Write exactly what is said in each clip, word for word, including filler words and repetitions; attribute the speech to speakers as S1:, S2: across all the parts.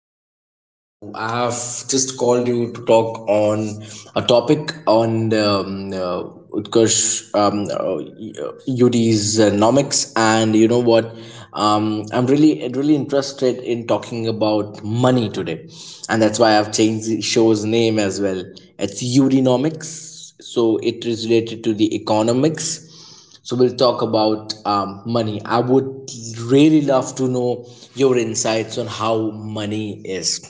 S1: doing great. Uh, So, I have just called you to talk on a topic on um, uh, Utkarsh um, uh, U D's uh, nomics, and you know what? Um, I'm really, really interested in talking about money today, and that's why I've changed the show's name as well. It's U D nomics, so it is related to the economics. So we'll talk about um, money. I would really love to know your insights on how money is.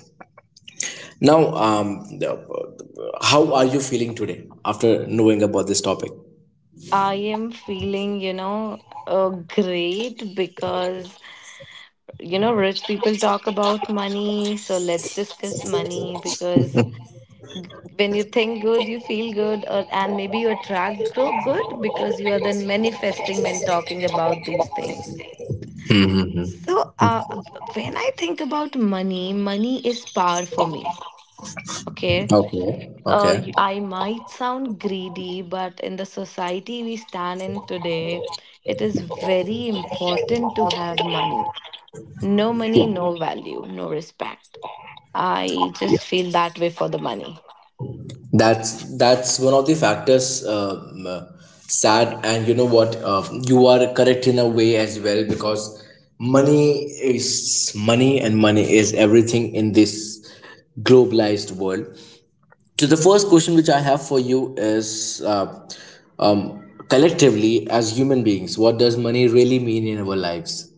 S1: Now, um, how are you feeling today after knowing about this topic?
S2: I am feeling, you know, uh, great because, you know, rich people talk about money. So let's discuss money because when you think good, you feel good, or, and maybe you attract gro- good because you are then manifesting when talking about these things. So uh, when I think about money, money is power for me. Okay.
S1: Okay.
S2: Uh,
S1: Okay.
S2: y- I might sound greedy, but in the society we stand in today, it is very important to have money. No
S1: Yeah.
S2: money, no value, no respect. I just feel that way for the money.
S1: That's that's one of the factors. Um, uh, sad, and you know what? Uh, you are correct in a way as well because money is money, and money is everything in this globalized world. So the first question which I have for you is uh, um, collectively as human beings, what does money really mean in our lives?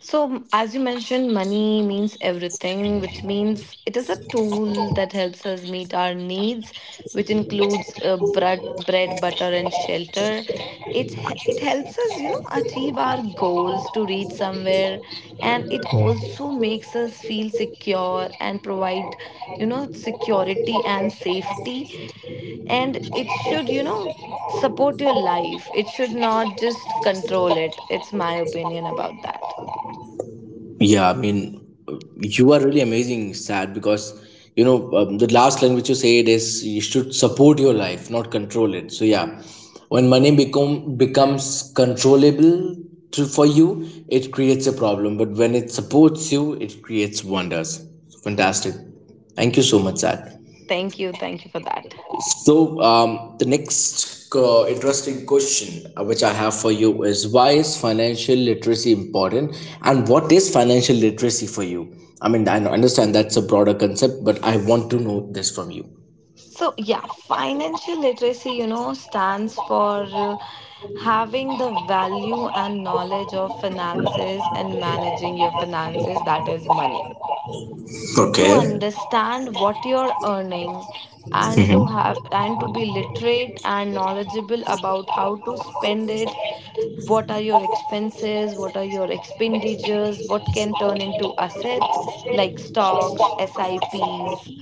S2: So, as you mentioned, money means everything, which means it is a tool that helps us meet our needs, which includes uh, bread, bread, butter, and shelter. It h- it helps us, you know, achieve our goals to reach somewhere, and it also makes us feel secure and provide, you know, security and safety. And it should, you know, support your life. It should not just control it. It's my opinion about that.
S1: Yeah, I mean, you are really amazing, Sad, because you know um, the last line which you said is you should support your life, not control it. So yeah, when money become becomes controllable to, for you, it creates a problem. But when it supports you, it creates wonders. Fantastic. Thank you so much, Sad.
S2: Thank you. Thank you for that.
S1: So, um, the next uh, interesting question uh, which I have for you is, why is financial literacy important and what is financial literacy for you? I mean, I understand that's a broader concept, but I want to know this from you.
S2: So, yeah, financial literacy, you know, stands for uh, having the value and knowledge of finances and managing your finances, that is money. To
S1: Okay.
S2: understand what you're earning and to
S1: Mm-hmm.
S2: have and to be literate and knowledgeable about how to spend it, what are your expenses, what are your expenditures, what can turn into asset like stocks, S I Ps,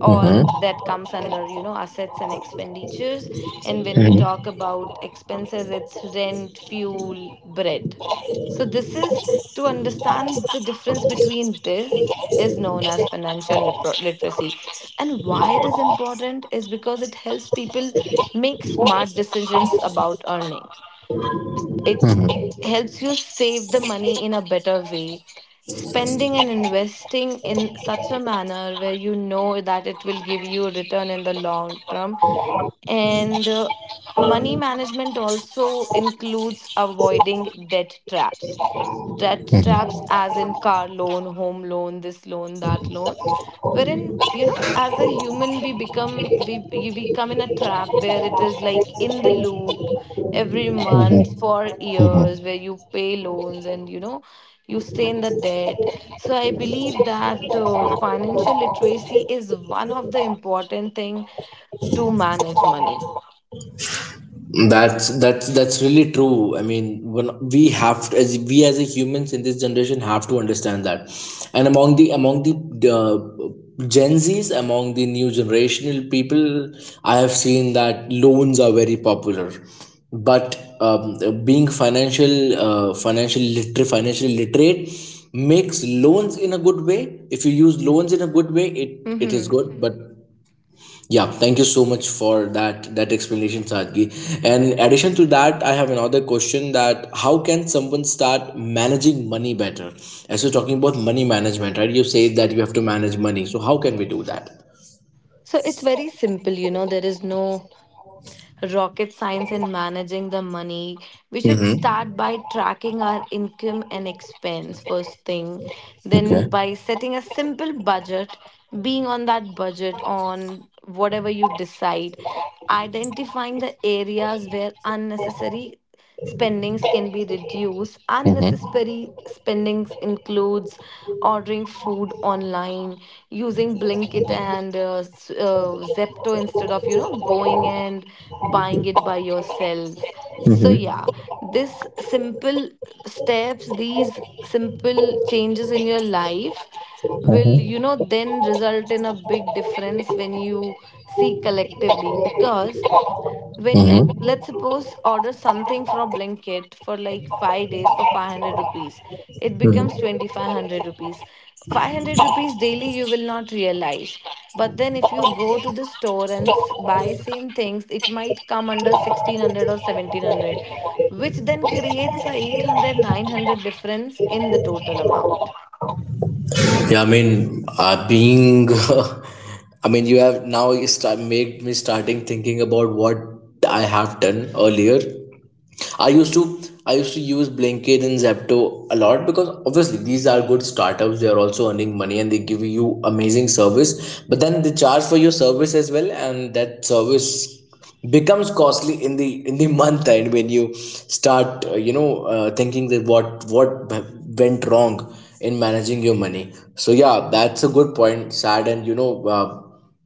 S2: or
S1: Mm-hmm.
S2: that comes under, you know assets and expenditures. And when we talk about expenses, it's rent, fuel, bread. So this is to understand the difference between. This is known as financial liter- literacy And why it is important is because it helps people make smart decisions about earning. It helps you save the money in a better way, spending and investing in such a manner where you know that it will give you a return in the long term. And uh, money management also includes avoiding debt traps. Debt traps as in car loan, home loan, this loan, that loan, wherein, you know as a human, we become we we we come in a trap where it is like in the loop every month for years where you pay loans, and you know you stay in the debt. So I believe that uh, financial literacy is one of the important thing to manage money.
S1: That's that's that's really true. I mean, when we have to, as we as a humans in this generation have to understand that, and among the among the uh, Gen Zs, among the new generational people, I have seen that loans are very popular, but um, being financial uh, financial liter, financial literate makes loans in a good way. If you use loans in a good way, it it is
S2: Hmm.
S1: good, but yeah, thank you so much for that that explanation, Sadgi. And addition to that, I have another question: that how can someone start managing money better? As you're talking about money management, right? You say that you have to manage money. So how can we do that?
S2: So it's very simple. You know there is no rocket science in managing the money. We should start
S1: Mm-hmm.
S2: by tracking our income and expense first thing, then
S1: Okay.
S2: by setting a simple budget, being on that budget on whatever you decide, identifying the areas where unnecessary spendings can be reduced.
S1: Mm-hmm.
S2: Unnecessary spendings includes ordering food online, using Blinkit and uh, s- uh, Zepto instead of, you know, going and buying it by yourself. So,
S1: Mm-hmm.
S2: yeah, this simple steps, these simple changes in your life will, you
S1: Mm-hmm.
S2: know, then result in a big difference when you see collectively, because when you,
S1: Mm-hmm.
S2: let's suppose, order something from Blinkit for like five days for five hundred rupees, it
S1: Mm-hmm.
S2: becomes twenty five hundred rupees. five hundred rupees daily, you will not realize, but then if you go to the store and s- buy same things, it might come under sixteen hundred or seventeen hundred, which then creates a eight hundred nine hundred difference in the total amount.
S1: Yeah, I mean, uh, being, I mean, you have now you start made me starting thinking about what I have done earlier. I used to I used to use Blinkit and Zepto a lot because obviously these are good startups. They are also earning money and they give you amazing service. But then they charge for your service as well, and that service becomes costly in the in the month end when you start uh, you know uh, thinking that what what went wrong in managing your money. So yeah, that's a good point, Sad. And you know. Uh,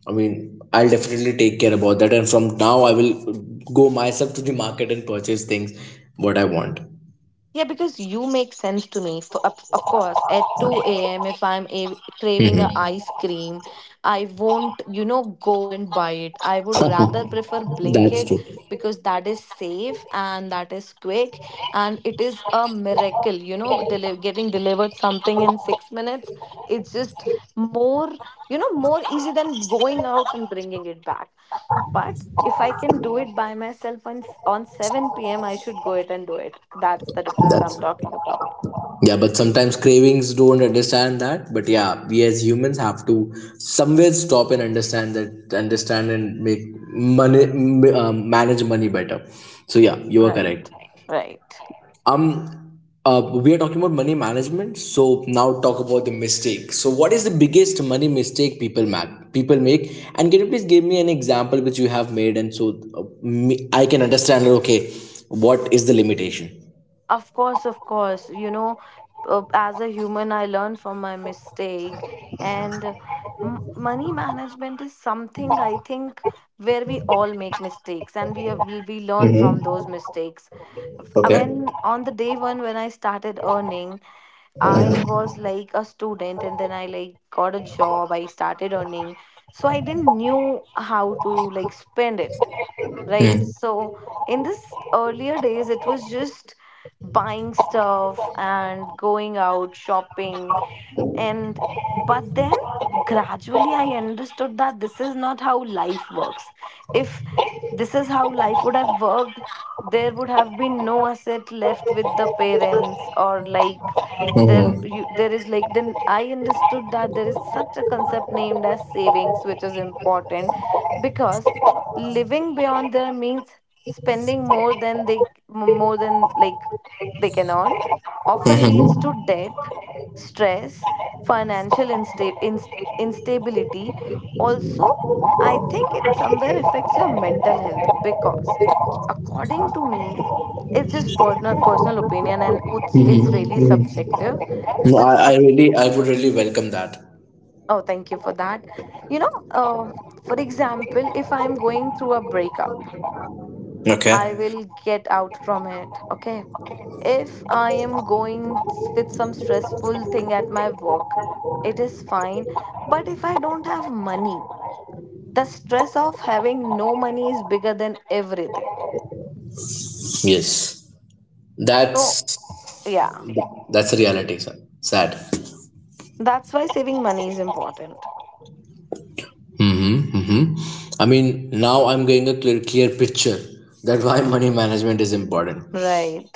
S1: I mean, I'll definitely take care about that. And from now, I will go myself to the market and purchase things what I want.
S2: Yeah, because you make sense to me. For, of of course, at two a m, if I'm a- craving a
S1: Hmm.
S2: ice cream, I won't, you know, go and buy it. I would rather prefer
S1: That's
S2: Blinkit
S1: true.
S2: because that is safe and that is quick, and it is a miracle, you know, deli- getting delivered something in six minutes. It's just more, you know, more easy than going out and bringing it back. But if I can do it by myself on, s- on seven p m, I should go it and do it. That's the difference I'm
S1: That's—
S2: talking about.
S1: yeah. But sometimes cravings don't understand that. But yeah, we as humans have to somewhere stop and understand that, understand and make money, m- uh, manage money better. So yeah, you are correct.
S2: Right, right.
S1: Um, uh, we are talking about money management. So now talk about the mistake. So what is the biggest money mistake people make? People make, and can you please give me an example which you have made, and so uh, me, I can understand. Okay, what is the limitation?
S2: Of course, of course. You know, uh, as a human, I learn from my mistake. And uh, m- money management is something I think where we all make mistakes, and we have, we we learn
S1: Mm-hmm.
S2: from those mistakes. Uh,
S1: Okay.
S2: When on the day one when I started earning, I was like a student and then I like got a job. I started earning. So I didn't knew how to like spend it, right? So in this earlier days, it was just buying stuff and going out shopping and but then gradually I understood that this is not how life works. If this is how life would have worked, there would have been no asset left with the parents, or like, there
S1: Mm-hmm.
S2: you, there is like, then I understood that there is such a concept named as savings which is important, because living beyond their means, spending more than they more than like they can earn, often leads to debt, stress, financial insta- ins instability. Also, I think it somewhere affects your mental health because, according to me, it's just personal personal opinion, and it's it's really subjective.
S1: No,
S2: But uh,
S1: I, I really, I would really welcome that.
S2: oh, thank you for that. You know uh, for example, if I'm going through a breakup, I
S1: Okay.
S2: will get out from it. Okay. If I am going with some stressful thing at my work, it is fine. But if I don't have money, the stress of having no money is bigger than everything.
S1: Yes,
S2: So,
S1: that's
S2: yeah,
S1: that's a reality, sir. Sad.
S2: that's why saving money is important.
S1: Mm-hmm, mm-hmm. I mean, now I'm getting a clear, clear picture that why money management is important.
S2: Right.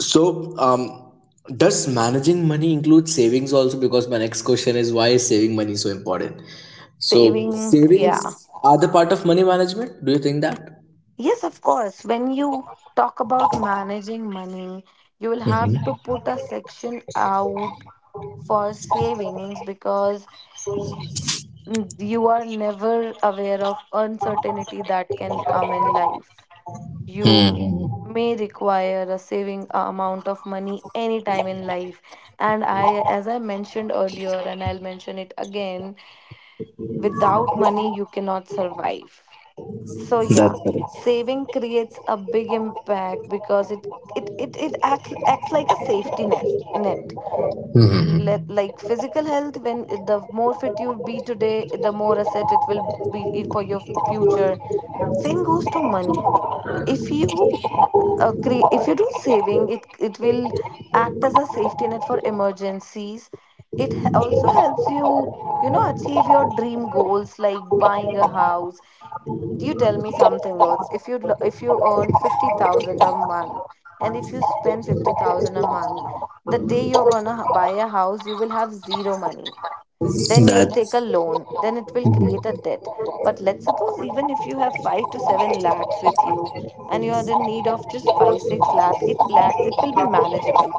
S1: So, um, does managing money include savings also? Because my next question is, why is saving money so important? So,
S2: Saving, yeah.
S1: savings are the part of money management. Do you think that?
S2: Yes, of course. When you talk about managing money, you will have to put a section out for savings, because Mm, you are never aware of uncertainty that can come in life. You
S1: Hmm.
S2: may require a saving uh, amount of money anytime in life. And I, as I mentioned earlier, and I'll mention it again, without money, you cannot survive. So,
S1: That's
S2: yeah,
S1: correct.
S2: saving creates a big impact, because it it, it, it acts, acts like a safety net. net Let, like physical health, when eh, the more fit you'll be today, the more asset it will be, i- for your future. Same goes to money. If you uh, cre- if you do saving, it it will act as a safety net for emergencies. It h- also helps you you know achieve your dream goals like buying a house. You tell me something else: if you lo- if you earn fifty thousand a month, and if you spend fifty thousand a month, the day you're going to buy a house you will have zero money, then you'll
S1: That.
S2: take a loan, then it will create a debt. But let's suppose even if you have five to seven lakhs with you, and you are in need of just five six lakh it lakhs it will be manageable.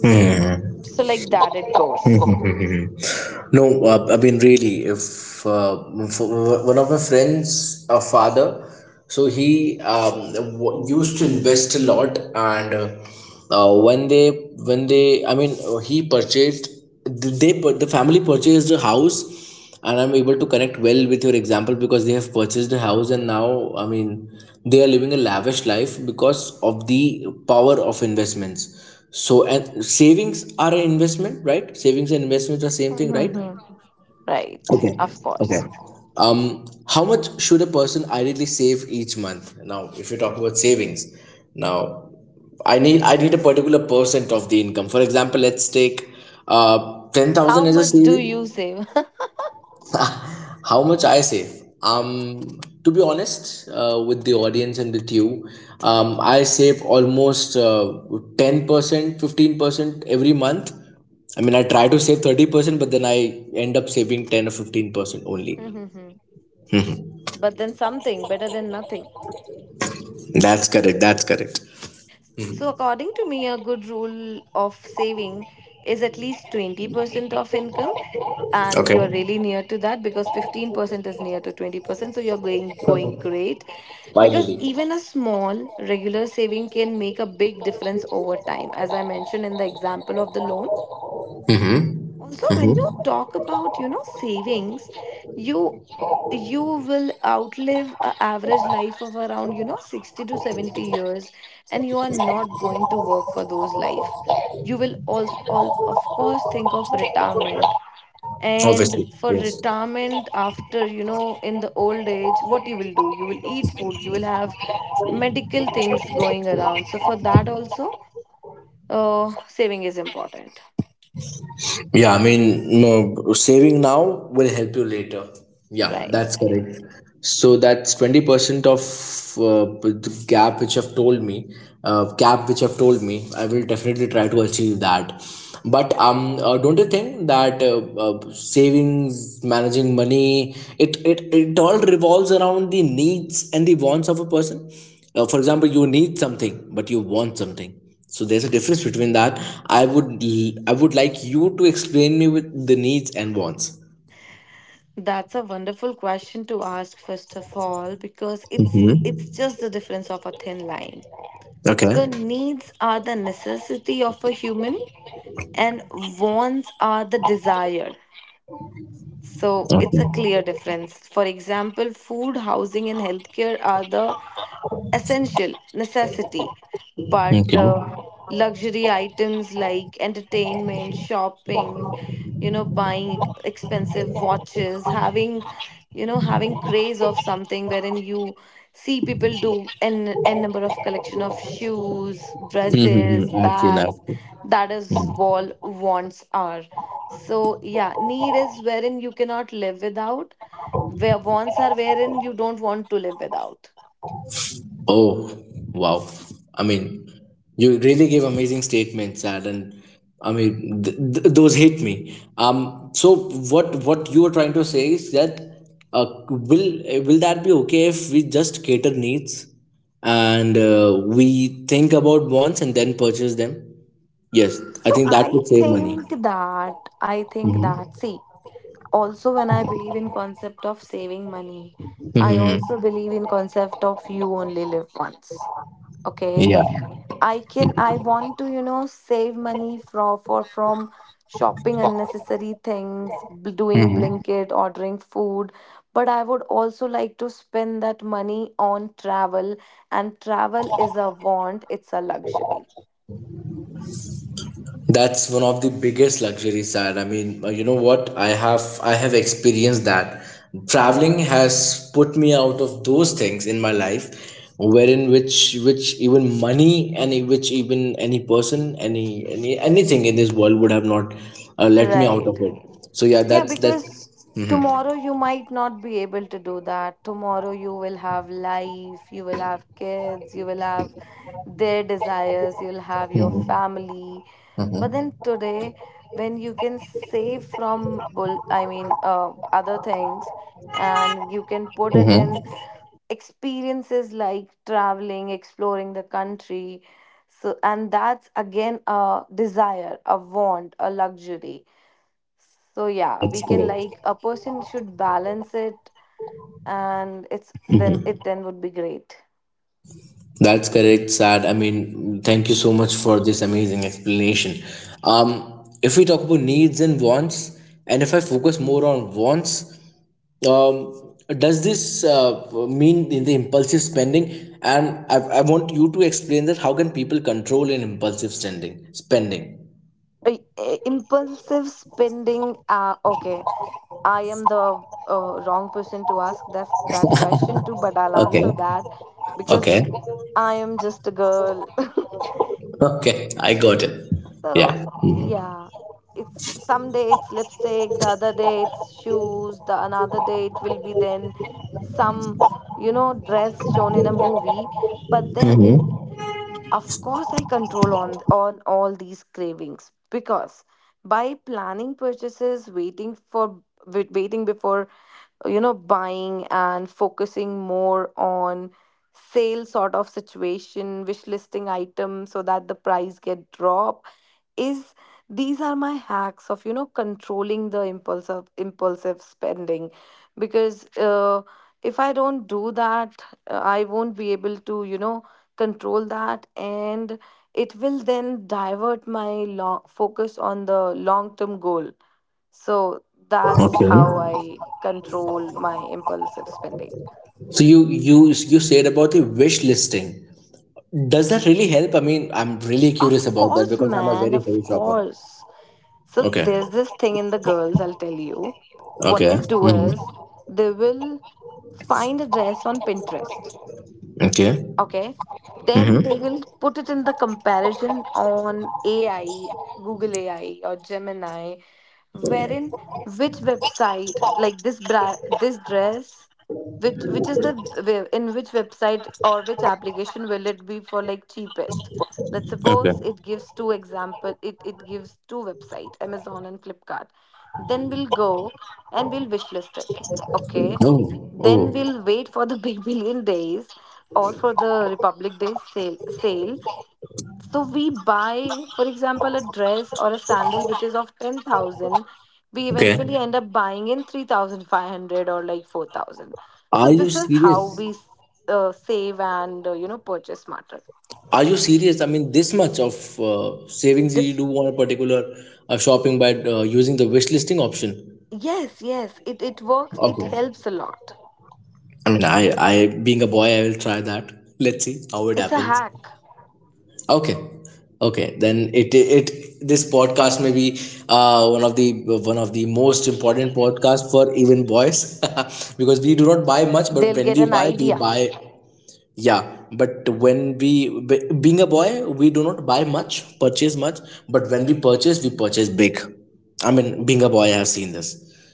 S1: Hmm.
S2: So like that, it goes.
S1: No, uh, I mean really, if uh, for one of my friends, a father, so he um, w- used to invest a lot, and uh, uh, when they when they, I mean, uh, he purchased th- they pur- the family purchased a house, and I'm able to connect well with your example because they have purchased a house and now I mean they are living a lavish life because of the power of investments. So, and savings are an investment, right? Savings and investments are same thing, right?
S2: Mhm. Right.
S1: Okay.
S2: Of
S1: Okay.
S2: course.
S1: Um, how much should a person ideally save each month? Now, if you talk about savings, now I need I need a particular percent of the income. For example, let's take uh ten thousand
S2: How
S1: as a
S2: much do you
S1: saving.
S2: save?
S1: How much I save? Um, to be honest, uh, with the audience and with you, um, I save almost uh, ten percent, fifteen percent every month. I mean, I try to save thirty percent, but then I end up saving ten or fifteen percent only.
S2: Mhm. But then, something better than nothing.
S1: That's correct. That's correct.
S2: So, according to me, a good rule of saving is at least twenty percent of income, and you're
S1: Okay.
S2: really near to that because fifteen percent is near to twenty percent. So, you're going, going great because
S1: Finally.
S2: even a small regular saving can make a big difference over time. As I mentioned in the example of the loan,
S1: Hmm?
S2: also when you talk about you know savings, you you will outlive a average life of around you know sixty to seventy years, and you are not going to work for those life. You will all, all of course think of retirement, and
S1: Obviously,
S2: for
S1: yes.
S2: retirement, after you know in the old age, what you will do, you will eat food, you will have medical things going around. So for that also uh, saving is important.
S1: Yeah, I mean, no, saving now will help you later. Yeah, that's
S2: Right.
S1: correct. So that's twenty percent of uh, the gap which I've told me, uh, gap which I've told me. I will definitely try to achieve that. But um, uh, don't you think that uh, uh, savings, managing money, it, it, it all revolves around the needs and the wants of a person? Uh, for example, you need something, but you want something, so there's a difference between that. I would I would like you to explain me with the needs and wants.
S2: That's a wonderful question to ask first of all, because it's it's
S1: Mm-hmm.
S2: just the difference of a thin line. So
S1: Okay.
S2: needs are the necessity of a human and wants are the desire. So it's a
S1: Okay.
S2: clear difference. For example, food, housing and healthcare are the essential necessity, but uh,
S1: Okay.
S2: luxury items like entertainment, shopping, you know buying expensive watches, having you know having craze of something wherein you see people do n n number of collection of shoes, dresses,
S1: Mm-hmm. I've seen that.
S2: bags, that is all wants are. So yeah, need is wherein you cannot live without, where wants are wherein you don't want to live without.
S1: Oh, wow. I mean, you really gave amazing statements, Ad, and I mean th- th- those hit me. Um so what what you are trying to say is that uh, will will that be okay if we just cater needs, and uh, we think about wants and then purchase them? Yes, I
S2: So
S1: think that
S2: I
S1: would save money.
S2: think that I think that see, also when I believe in concept of saving money, I
S1: Hmm.
S2: also believe in concept of you only live once. Okay.
S1: Yeah.
S2: I can I want to, you know, save money from for from shopping unnecessary things, b- doing blanket, ordering food. But I would also like to spend that money on travel, and travel is a want, it's a luxury.
S1: That's one of the biggest luxuries that, I mean, uh, you know what? I have I have experienced that. Traveling has put me out of those things in my life wherein which which even money any, which even any person, any any anything in this world would have not uh, let me out of
S2: Right.
S1: it. So yeah,
S2: Yeah,
S1: that's that.
S2: because
S1: Mhm.
S2: tomorrow you might not be able to do that. Tomorrow you will have life, you will have kids, you will have their desires, you'll have your family. But then today, when you can save from bull I mean uh, other things, and you can put it
S1: Hmm.
S2: in Mhm. Experiences like traveling, exploring the country. So and that's again a desire, a want, a luxury. So yeah,
S1: That's
S2: we can
S1: correct.
S2: like a person should balance it, and it's then it then would be great.
S1: That's correct, Sad. I mean, thank you so much for this amazing explanation. Um, if we talk about needs and wants, and if I focus more on wants, um, does this uh, mean in the impulsive spending? And I, I want you to explain that how can people control in impulsive spending. Spending.
S2: Uh, uh, Impulsive spending. Uh, okay, I am the uh, wrong person to ask that that question to, but I'll
S1: Okay.
S2: answer that because
S1: Okay.
S2: I am just a girl.
S1: Okay. I got it.
S2: So
S1: Yeah.
S2: yeah, it's someday it's lipstick, the other day it's shoes, the another day it will be then some you know dress shown in a movie. But then,
S1: Mm-hmm.
S2: of course, I control on on all these cravings because by planning purchases, waiting for wait- waiting before you know buying and focusing more on sale sort of situation, wish listing items so that the price get drop is these are my hacks of you know controlling the impulse of impulsive spending because uh, if I don't do that, uh, I won't be able to you know control that, and it will then divert my long focus on the long term goal. So that's
S1: Okay.
S2: how I control my impulsive spending.
S1: So you you you said about the wish listing. Does that really help? I mean, I'm really curious
S2: Of
S1: about that
S2: course,
S1: because I'm a
S2: man,
S1: very
S2: of
S1: heavy shopper.
S2: course. So
S1: Okay.
S2: there's this thing in the girls, I'll tell you. What
S1: Okay.
S2: they do
S1: Hmm.
S2: is they will find a dress on Pinterest.
S1: Okay.
S2: Okay. Then they
S1: Hmm.
S2: will put it in the comparison on A I, Google A I or Gemini, wherein which website like this bra this dress which which is the w- in which website or which application will it be for like cheapest. Let's
S1: Okay.
S2: suppose it gives two example, it it gives two website, Amazon and Flipkart. Then we'll go and we'll wishlist it. Okay.
S1: Oh.
S2: Then
S1: Oh.
S2: we'll wait for the big billion days or for the Republic Day sale sale. So we buy, for example, a dress or a sandal which is of ten thousand. We
S1: Okay.
S2: eventually end up buying in three thousand five hundred or like four thousand. So
S1: Are you
S2: this is how
S1: serious?
S2: we s- uh, save and, uh, you know, purchase smarter.
S1: Are you serious? I mean, this much of uh, savings you
S2: Dif-
S1: do on a particular uh, shopping by uh, using the wish listing option.
S2: yes, yes, it, it works. It
S1: Okay.
S2: helps a lot.
S1: I mean, I, I being a boy, I will try that. Let's see how it
S2: It's a
S1: happens.
S2: hack.
S1: Okay, okay. Then it it this podcast may be uh, one of the one of the most important podcasts for even boys, because we do not buy much, but
S2: They'll
S1: when
S2: get
S1: we
S2: an
S1: buy, we
S2: idea.
S1: buy. Yeah, but when we be- being a boy, we do not buy much, purchase much, but when we purchase, we purchase big. I mean, being a boy, I have seen this.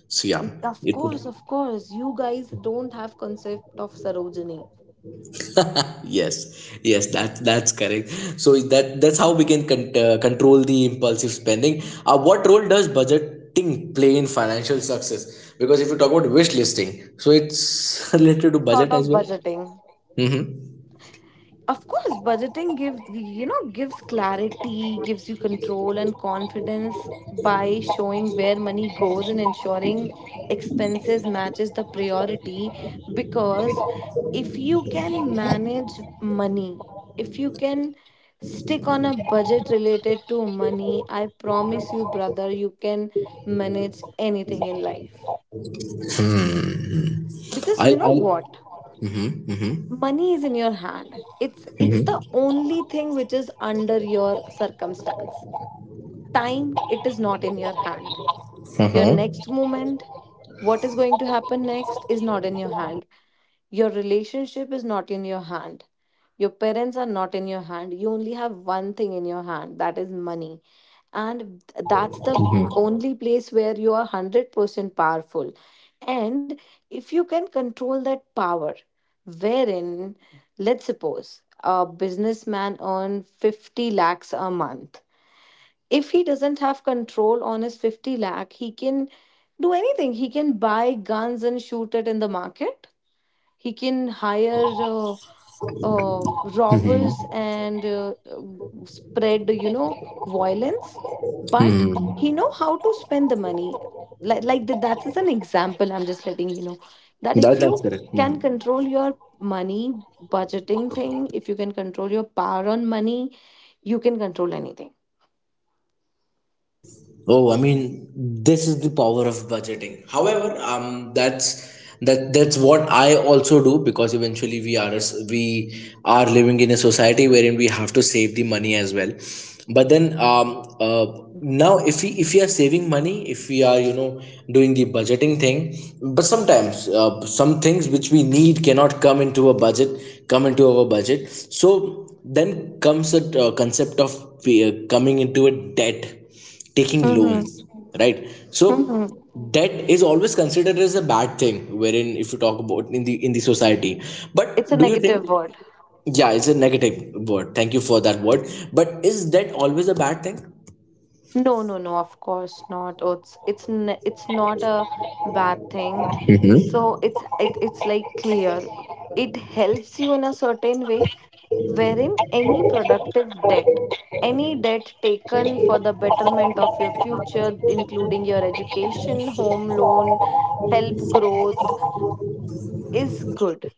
S1: So yeah,
S2: Y- Of
S1: it would.
S2: course, of course. You guys don't have concept of Sarojini.
S1: Yes, yes, that that's correct. So is that that's how we can con- uh, control the impulsive spending. Uh, what role does budgeting play in financial success, because if you talk about wish listing, so it's related to
S2: Sort
S1: budget as
S2: of
S1: well.
S2: budgeting.
S1: Mm-hmm.
S2: Of course, budgeting gives, you know, gives clarity, gives you control and confidence by showing where money goes and ensuring expenses matches the priority. Because if you can manage money, if you can stick on a budget related to money, I promise you, brother, you can manage anything in life. Because
S1: i'll
S2: you know
S1: i'll
S2: what?
S1: Mm-hmm, mm-hmm.
S2: Money is in your hand. It's it's the only thing which is under your circumstance. Time, it is not in your hand. Your
S1: Uh-huh.
S2: next moment, what is going to happen next, is not in your hand. Your relationship is not in your hand. Your parents are not in your hand. You only have one thing in your hand, that is money. And that's the only place where you are hundred percent powerful. And if you can control that power, wherein, let's suppose, a businessman earns fifty lakhs a month, if he doesn't have control on his fifty lakh, he can do anything. He can buy guns and shoot it in the market. He can hire uh, uh, robbers and uh, uh, spread, you know, violence. But he know how to spend the money. Like, like that, that is an example, I'm just letting you know that
S1: That,
S2: if
S1: that's
S2: you
S1: correct.
S2: can
S1: Mm-hmm.
S2: control your money, budgeting thing, if you can control your power on money, you can control anything.
S1: Oh, I mean, this is the power of budgeting. However, um, that's that that's what I also do because eventually we are a s- we are living in a society wherein we have to save the money as well. But then, um, uh, now if we if we are saving money, if we are you know doing the budgeting thing, but sometimes uh, some things which we need cannot come into a budget, come into our budget. So then comes a uh, concept of uh, coming into a debt, taking loans, right? So
S2: Mhm.
S1: debt is always considered as a bad thing, wherein if you talk about in the in the society, but
S2: It's a
S1: do you think—
S2: negative word.
S1: yeah, it's a negative word. Thank you for that word. But is debt always a bad thing?
S2: No, no, no. Of course not. Oh, it's it's n- it's not a bad thing. So
S1: Mm-hmm.
S2: it's it, it's like clear. It helps you in a certain way, wherein any productive debt, any debt taken for the betterment of your future, including your education, home loan, help growth, is good.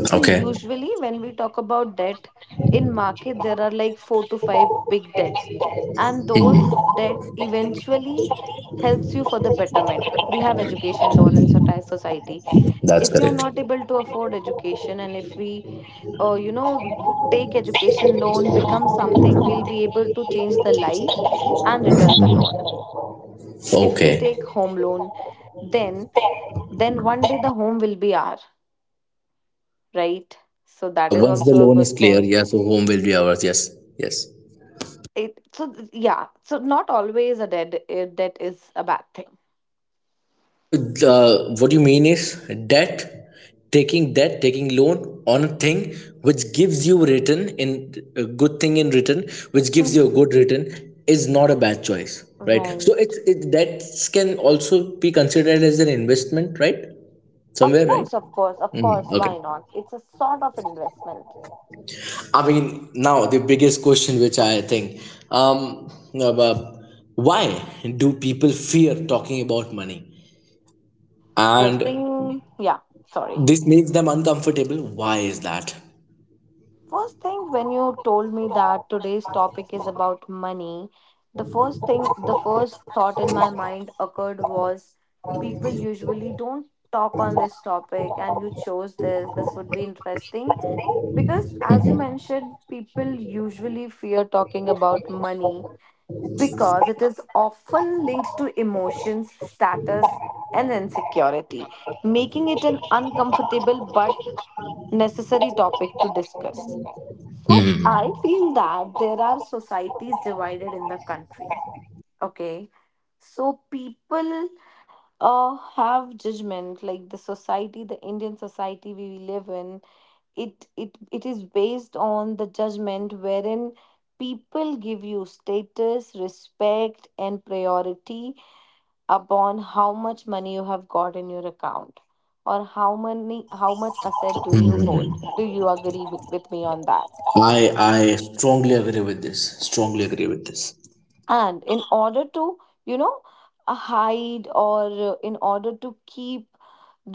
S2: So
S1: Okay,
S2: usually when we talk about debt in market there are like four to five big debts, and those debt eventually helps you for the betterment. We have education loan in soci- society.
S1: that's
S2: If you are
S1: correct.
S2: not able to afford education, and if we uh, you know, take education loan, become something, we'll be able to change the life and return the loan. If we
S1: Okay.
S2: take home loan, then then one day the home will be our, right? So
S1: Yeah,
S2: that is
S1: once the
S2: also a
S1: loan is
S2: good
S1: clear,
S2: thing.
S1: yeah, so home will be ours. Yes, yes.
S2: It so th- yeah, so not always a dead a debt is a bad thing.
S1: So uh, what you mean is debt, taking debt, taking loan on a thing which gives you return in a good thing in return which gives you a good
S2: Mhm.
S1: return is not a bad choice, right? So it's
S2: Right.
S1: it debts can also be considered as an investment, right?
S2: Of
S1: Somewhere, right?
S2: course, of course, of
S1: Hmm.
S2: course.
S1: Okay.
S2: Why not? It's a sort of investment.
S1: I mean, now the biggest question which I think, um, about why do people fear talking about money?
S2: First
S1: And
S2: thing, yeah, sorry.
S1: this makes them uncomfortable. Why is that?
S2: First thing, when you told me that today's topic is about money, the first thing, the first thought in my mind occurred was people usually don't talk on this topic, and you chose this. This would be interesting. Because, as you mentioned, people usually fear talking about money because it is often linked to emotions, status, and insecurity, making it an uncomfortable but necessary topic to discuss. So, I feel that there are societies divided in the country. Okay. So, people uh, have judgment, like the society, the Indian society we live in, it it it is based on the judgment wherein people give you status, respect and priority upon how much money you have got in your account, or how many how much asset do you hold. Do you agree with, with me on that?
S1: I I strongly agree with this. Strongly agree with this.
S2: And in order to, you know, uh, hide, or uh, in order to keep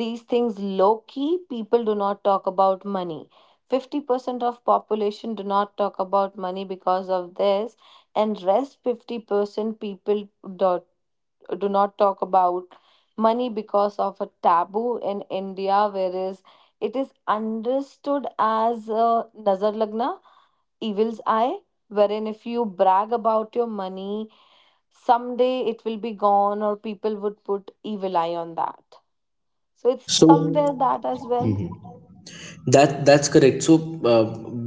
S2: these things low key, people do not talk about money. fifty percent of population do not talk about money because of this, and rest fifty percent people do, do not talk about money because of a taboo in India, whereas it is understood as uh, nazar lagna, evil's eye, wherein if you brag about your money, someday it will be gone, or people would put evil eye on that. So it's
S1: So
S2: somewhere that as well.
S1: that that's correct. So uh,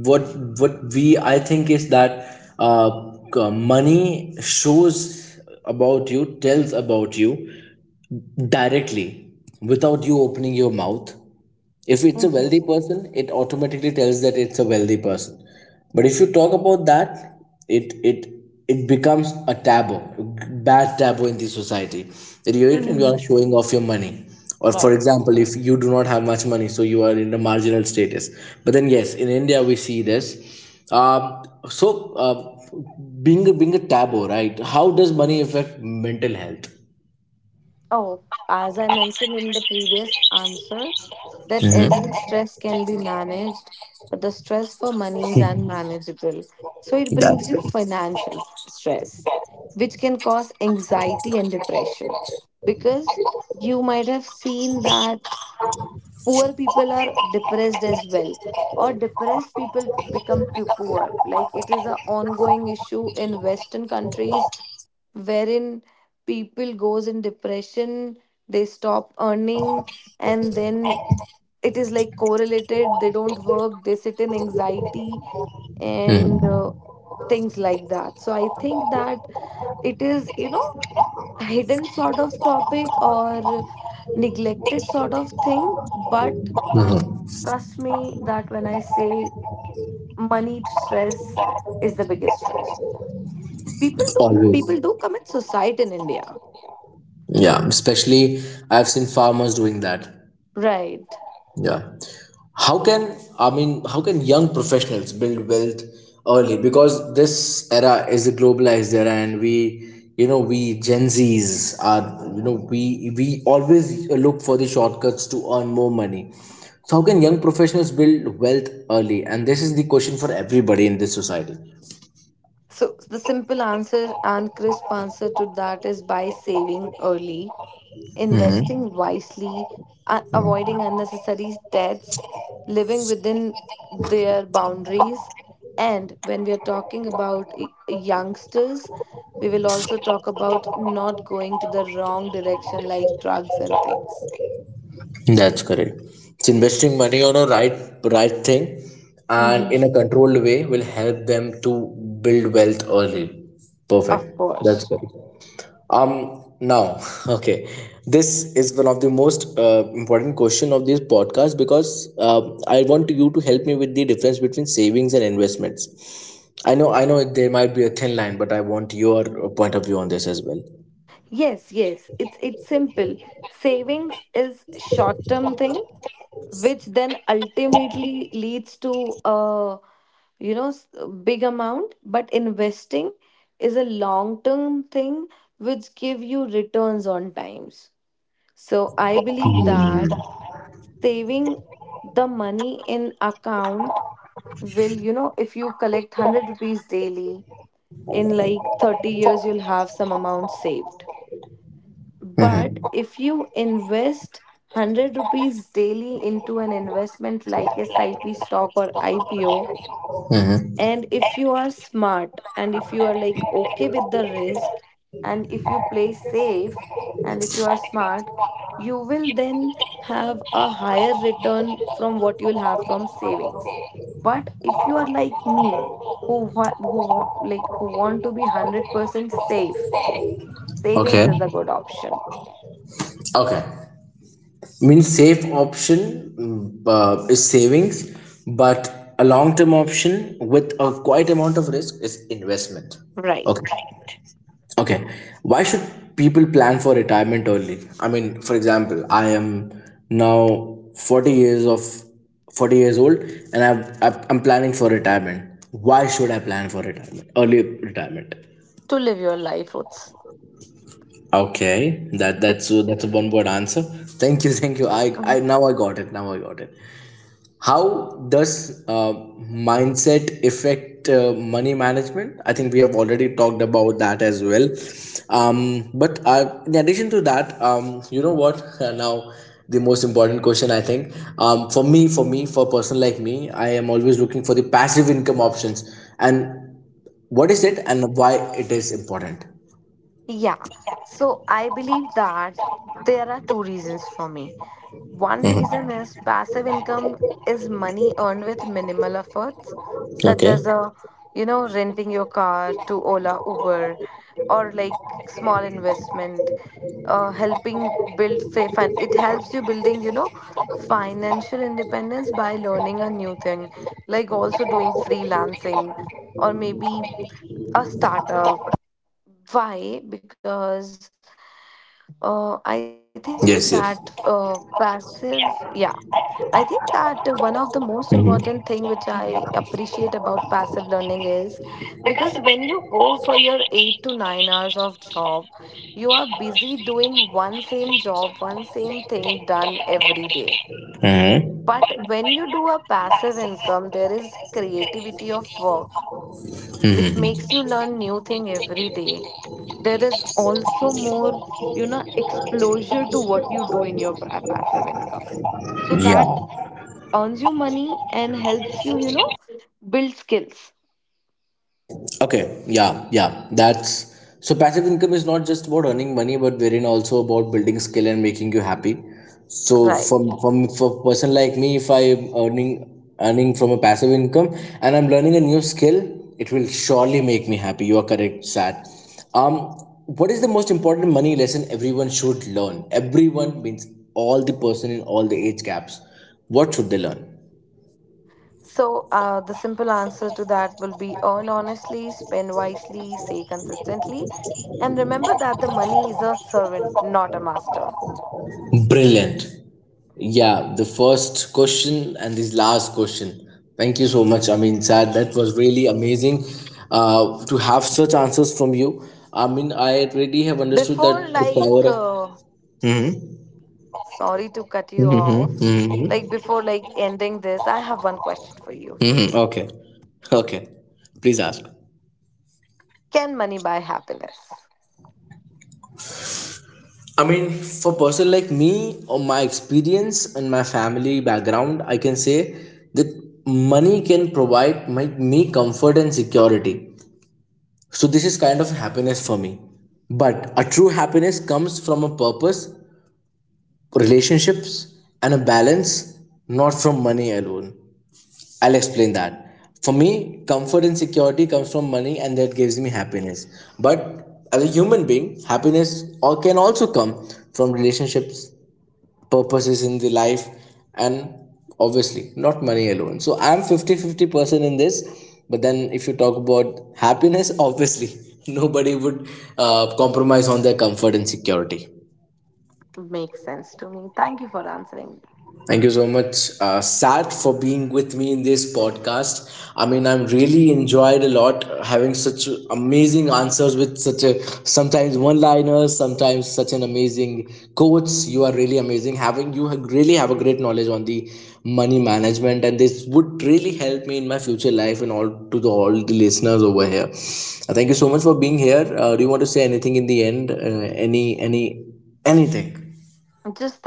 S1: what what we I think is that uh, c- money shows about you, tells about you directly without you opening your mouth. If it's a
S2: Mhm.
S1: wealthy person, it automatically tells that it's a wealthy person, but if you talk about that, it it it becomes a taboo, bad taboo in the society that you you are
S2: Mhm.
S1: showing off your money. Or for
S2: Right.
S1: example, if you do not have much money, so you are in a marginal status. But then yes, in India we see this. um, so uh, Being a, being a taboo, right? How does money affect mental health?
S2: Oh, as I mentioned in the previous answer, that
S1: Mm-hmm.
S2: every Mhm. stress can be managed, but the stress for money is unmanageable. So it brings
S1: That's
S2: you financial stress, which can cause anxiety and depression. Because you might have seen that poor people are depressed as well, or depressed people become p- poor, like it is a ongoing issue in western countries, wherein people goes in depression, they stop earning, and then it is like correlated, they don't work, they sit in anxiety and uh, things like that. So I think that it is, you know, a hidden sort of topic or neglected sort of thing, but trust me that when I say money stress is the biggest stress. People do
S1: always.
S2: People do commit suicide in India.
S1: Yeah, especially I've seen farmers doing that.
S2: Right.
S1: Yeah. How can, I mean how can young professionals build wealth early? Because this era is a globalized era, and we, you know, we Gen Zs are, you know, we we always look for the shortcuts to earn more money. So how can young professionals build wealth early? And this is the question for everybody in this society.
S2: So the simple answer and crisp answer to that is by saving early, investing wisely, uh, avoiding unnecessary debts, living within their boundaries. And when we are talking about y- youngsters, we will also talk about not going to the wrong direction like drugs and things.
S1: That's correct. It's investing money on a right right thing and
S2: Hmm.
S1: in a controlled way will help them to build wealth early. Perfect.
S2: Of
S1: That's
S2: course.
S1: correct. Um, now, okay. This is one of the most uh, important question of this podcast, because uh, I want you to help me with the difference between savings and investments. I know I know it- there might be a thin line, but I want your uh, point of view on this as well.
S2: Yes, yes. It's it's simple. Savings is short-term thing which then ultimately leads to a, you know, s- big amount, but investing is a long term thing which give you returns on times. So I believe that saving the money in account will, you know, if you collect hundred rupees daily, in like thirty years you'll have some amount saved. But if you invest hundred rupees daily into an investment like S I P stock or I P O,
S1: Mhm.
S2: and if you are smart, and if you are like okay with the risk, and if you play safe, and if you are smart, you will then have a higher return from what you will have from savings. But if you are like me, who wa- who wa- like who want to be hundred percent safe, savings
S1: Okay.
S2: is a good option.
S1: Okay. Means safe option, mm, uh, is savings, but a long term option with a quite amount of risk is investment. Okay.
S2: Right.
S1: Okay. Why should people plan for retirement early? I mean, for example, I am now forty years of forty years old, and I've, I've- I'm planning for retirement. Why should I plan for retirement early, retirement?
S2: To live your life roots.
S1: Okay, that
S2: Be-
S1: that's that's a one word answer. Thank you, thank you. i
S2: Mhm.
S1: i now I got it, now I got it. How does uh, mindset affect uh, money management? I think we have already talked about that as well. Um, but uh, in addition to that, um, you know what? Now, the most important question I think, um, for me, for me, for a person like me, I am always looking for the passive income options. And what is it, and why it is important?
S2: Yeah. So I believe that there are two reasons for me. One reason is passive income is money earned with minimal efforts, such
S1: Okay.
S2: as a, you know, renting your car to Ola Uber, or like small investment, uh, helping build fa- fin- it helps you building, you know, financial independence by learning a new thing, like also doing freelancing, or maybe a startup. Why? Because uh, I think that
S1: Yes,
S2: uh,
S1: yes.
S2: passive, yeah, I think that one of the most important thing which I appreciate about passive learning is because when you go for your eight to nine hours of job, you are busy doing one same job, one same thing done every day.
S1: Mm-hmm.
S2: But when you do a passive income, there is creativity of work, which
S1: Hmm.
S2: makes you learn new thing every day. There is also more, you know, exposure to what you do in your pra- passive income, so that
S1: Yeah.
S2: earns you money and helps you, you know, build skills.
S1: Okay, yeah, yeah. That's, so passive income is not just about earning money, but wherein also about building skill and making you happy. So
S2: Right.
S1: from from for person like me, if I am earning earning from a passive income and I'm learning a new skill, it will surely make me happy. You are correct, Sad. Um, what is the most important money lesson everyone should learn? Everyone means all the person in all the age gaps. What should they learn?
S2: So, uh, the simple answer to that will be earn honestly, spend wisely, say consistently, and remember that the money is a servant, not a master.
S1: Brilliant. Yeah, the first question and this last question. Thank you so much. I mean, Sad, that was really amazing uh, to have such answers from you. I mean, I already have
S2: Before,
S1: understood
S2: like,
S1: that the
S2: uh,
S1: power of. Mhm,
S2: sorry to cut you off,
S1: mhm,
S2: like, before, like, ending this, I have one question for you.
S1: mhm. Okay, okay. Please ask.
S2: Can money buy happiness?
S1: I mean, for person like me, or my experience and my family background, I can say that money can provide my, me comfort and security. So, this is kind of happiness for me. But a true happiness comes from a purpose, relationships, and a balance, not from money alone. I'll explain that. For me, comfort and security comes from money, and that gives me happiness. But as a human being, happiness al- can also come from relationships, purposes in the life, and obviously not money alone. So I'm fifty-fifty fifty person in this. But then if you talk about happiness, obviously nobody would uh, compromise on their comfort and security.
S2: Makes sense to me. Thank you for answering.
S1: Thank you so much, uh, Sat, for being with me in this podcast. I mean, I'm really enjoyed a lot having such amazing answers, with such a sometimes one-liners, sometimes such an amazing quotes. You are really amazing. Having you ha- really have a great knowledge on the money management, and this would really help me in my future life and all to the all the listeners over here. Uh, Thank you so much for being here. Uh, do you want to say anything in the end? Uh, any any Anything?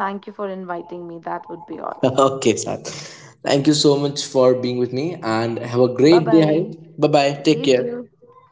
S2: Just thank you for inviting me. That would be all.
S1: Okay, Sad. Thank you so much for being with me and have a great day
S2: Bye
S1: ahead. Bye
S2: bye.
S1: bye. Take
S2: You
S1: care.
S2: too.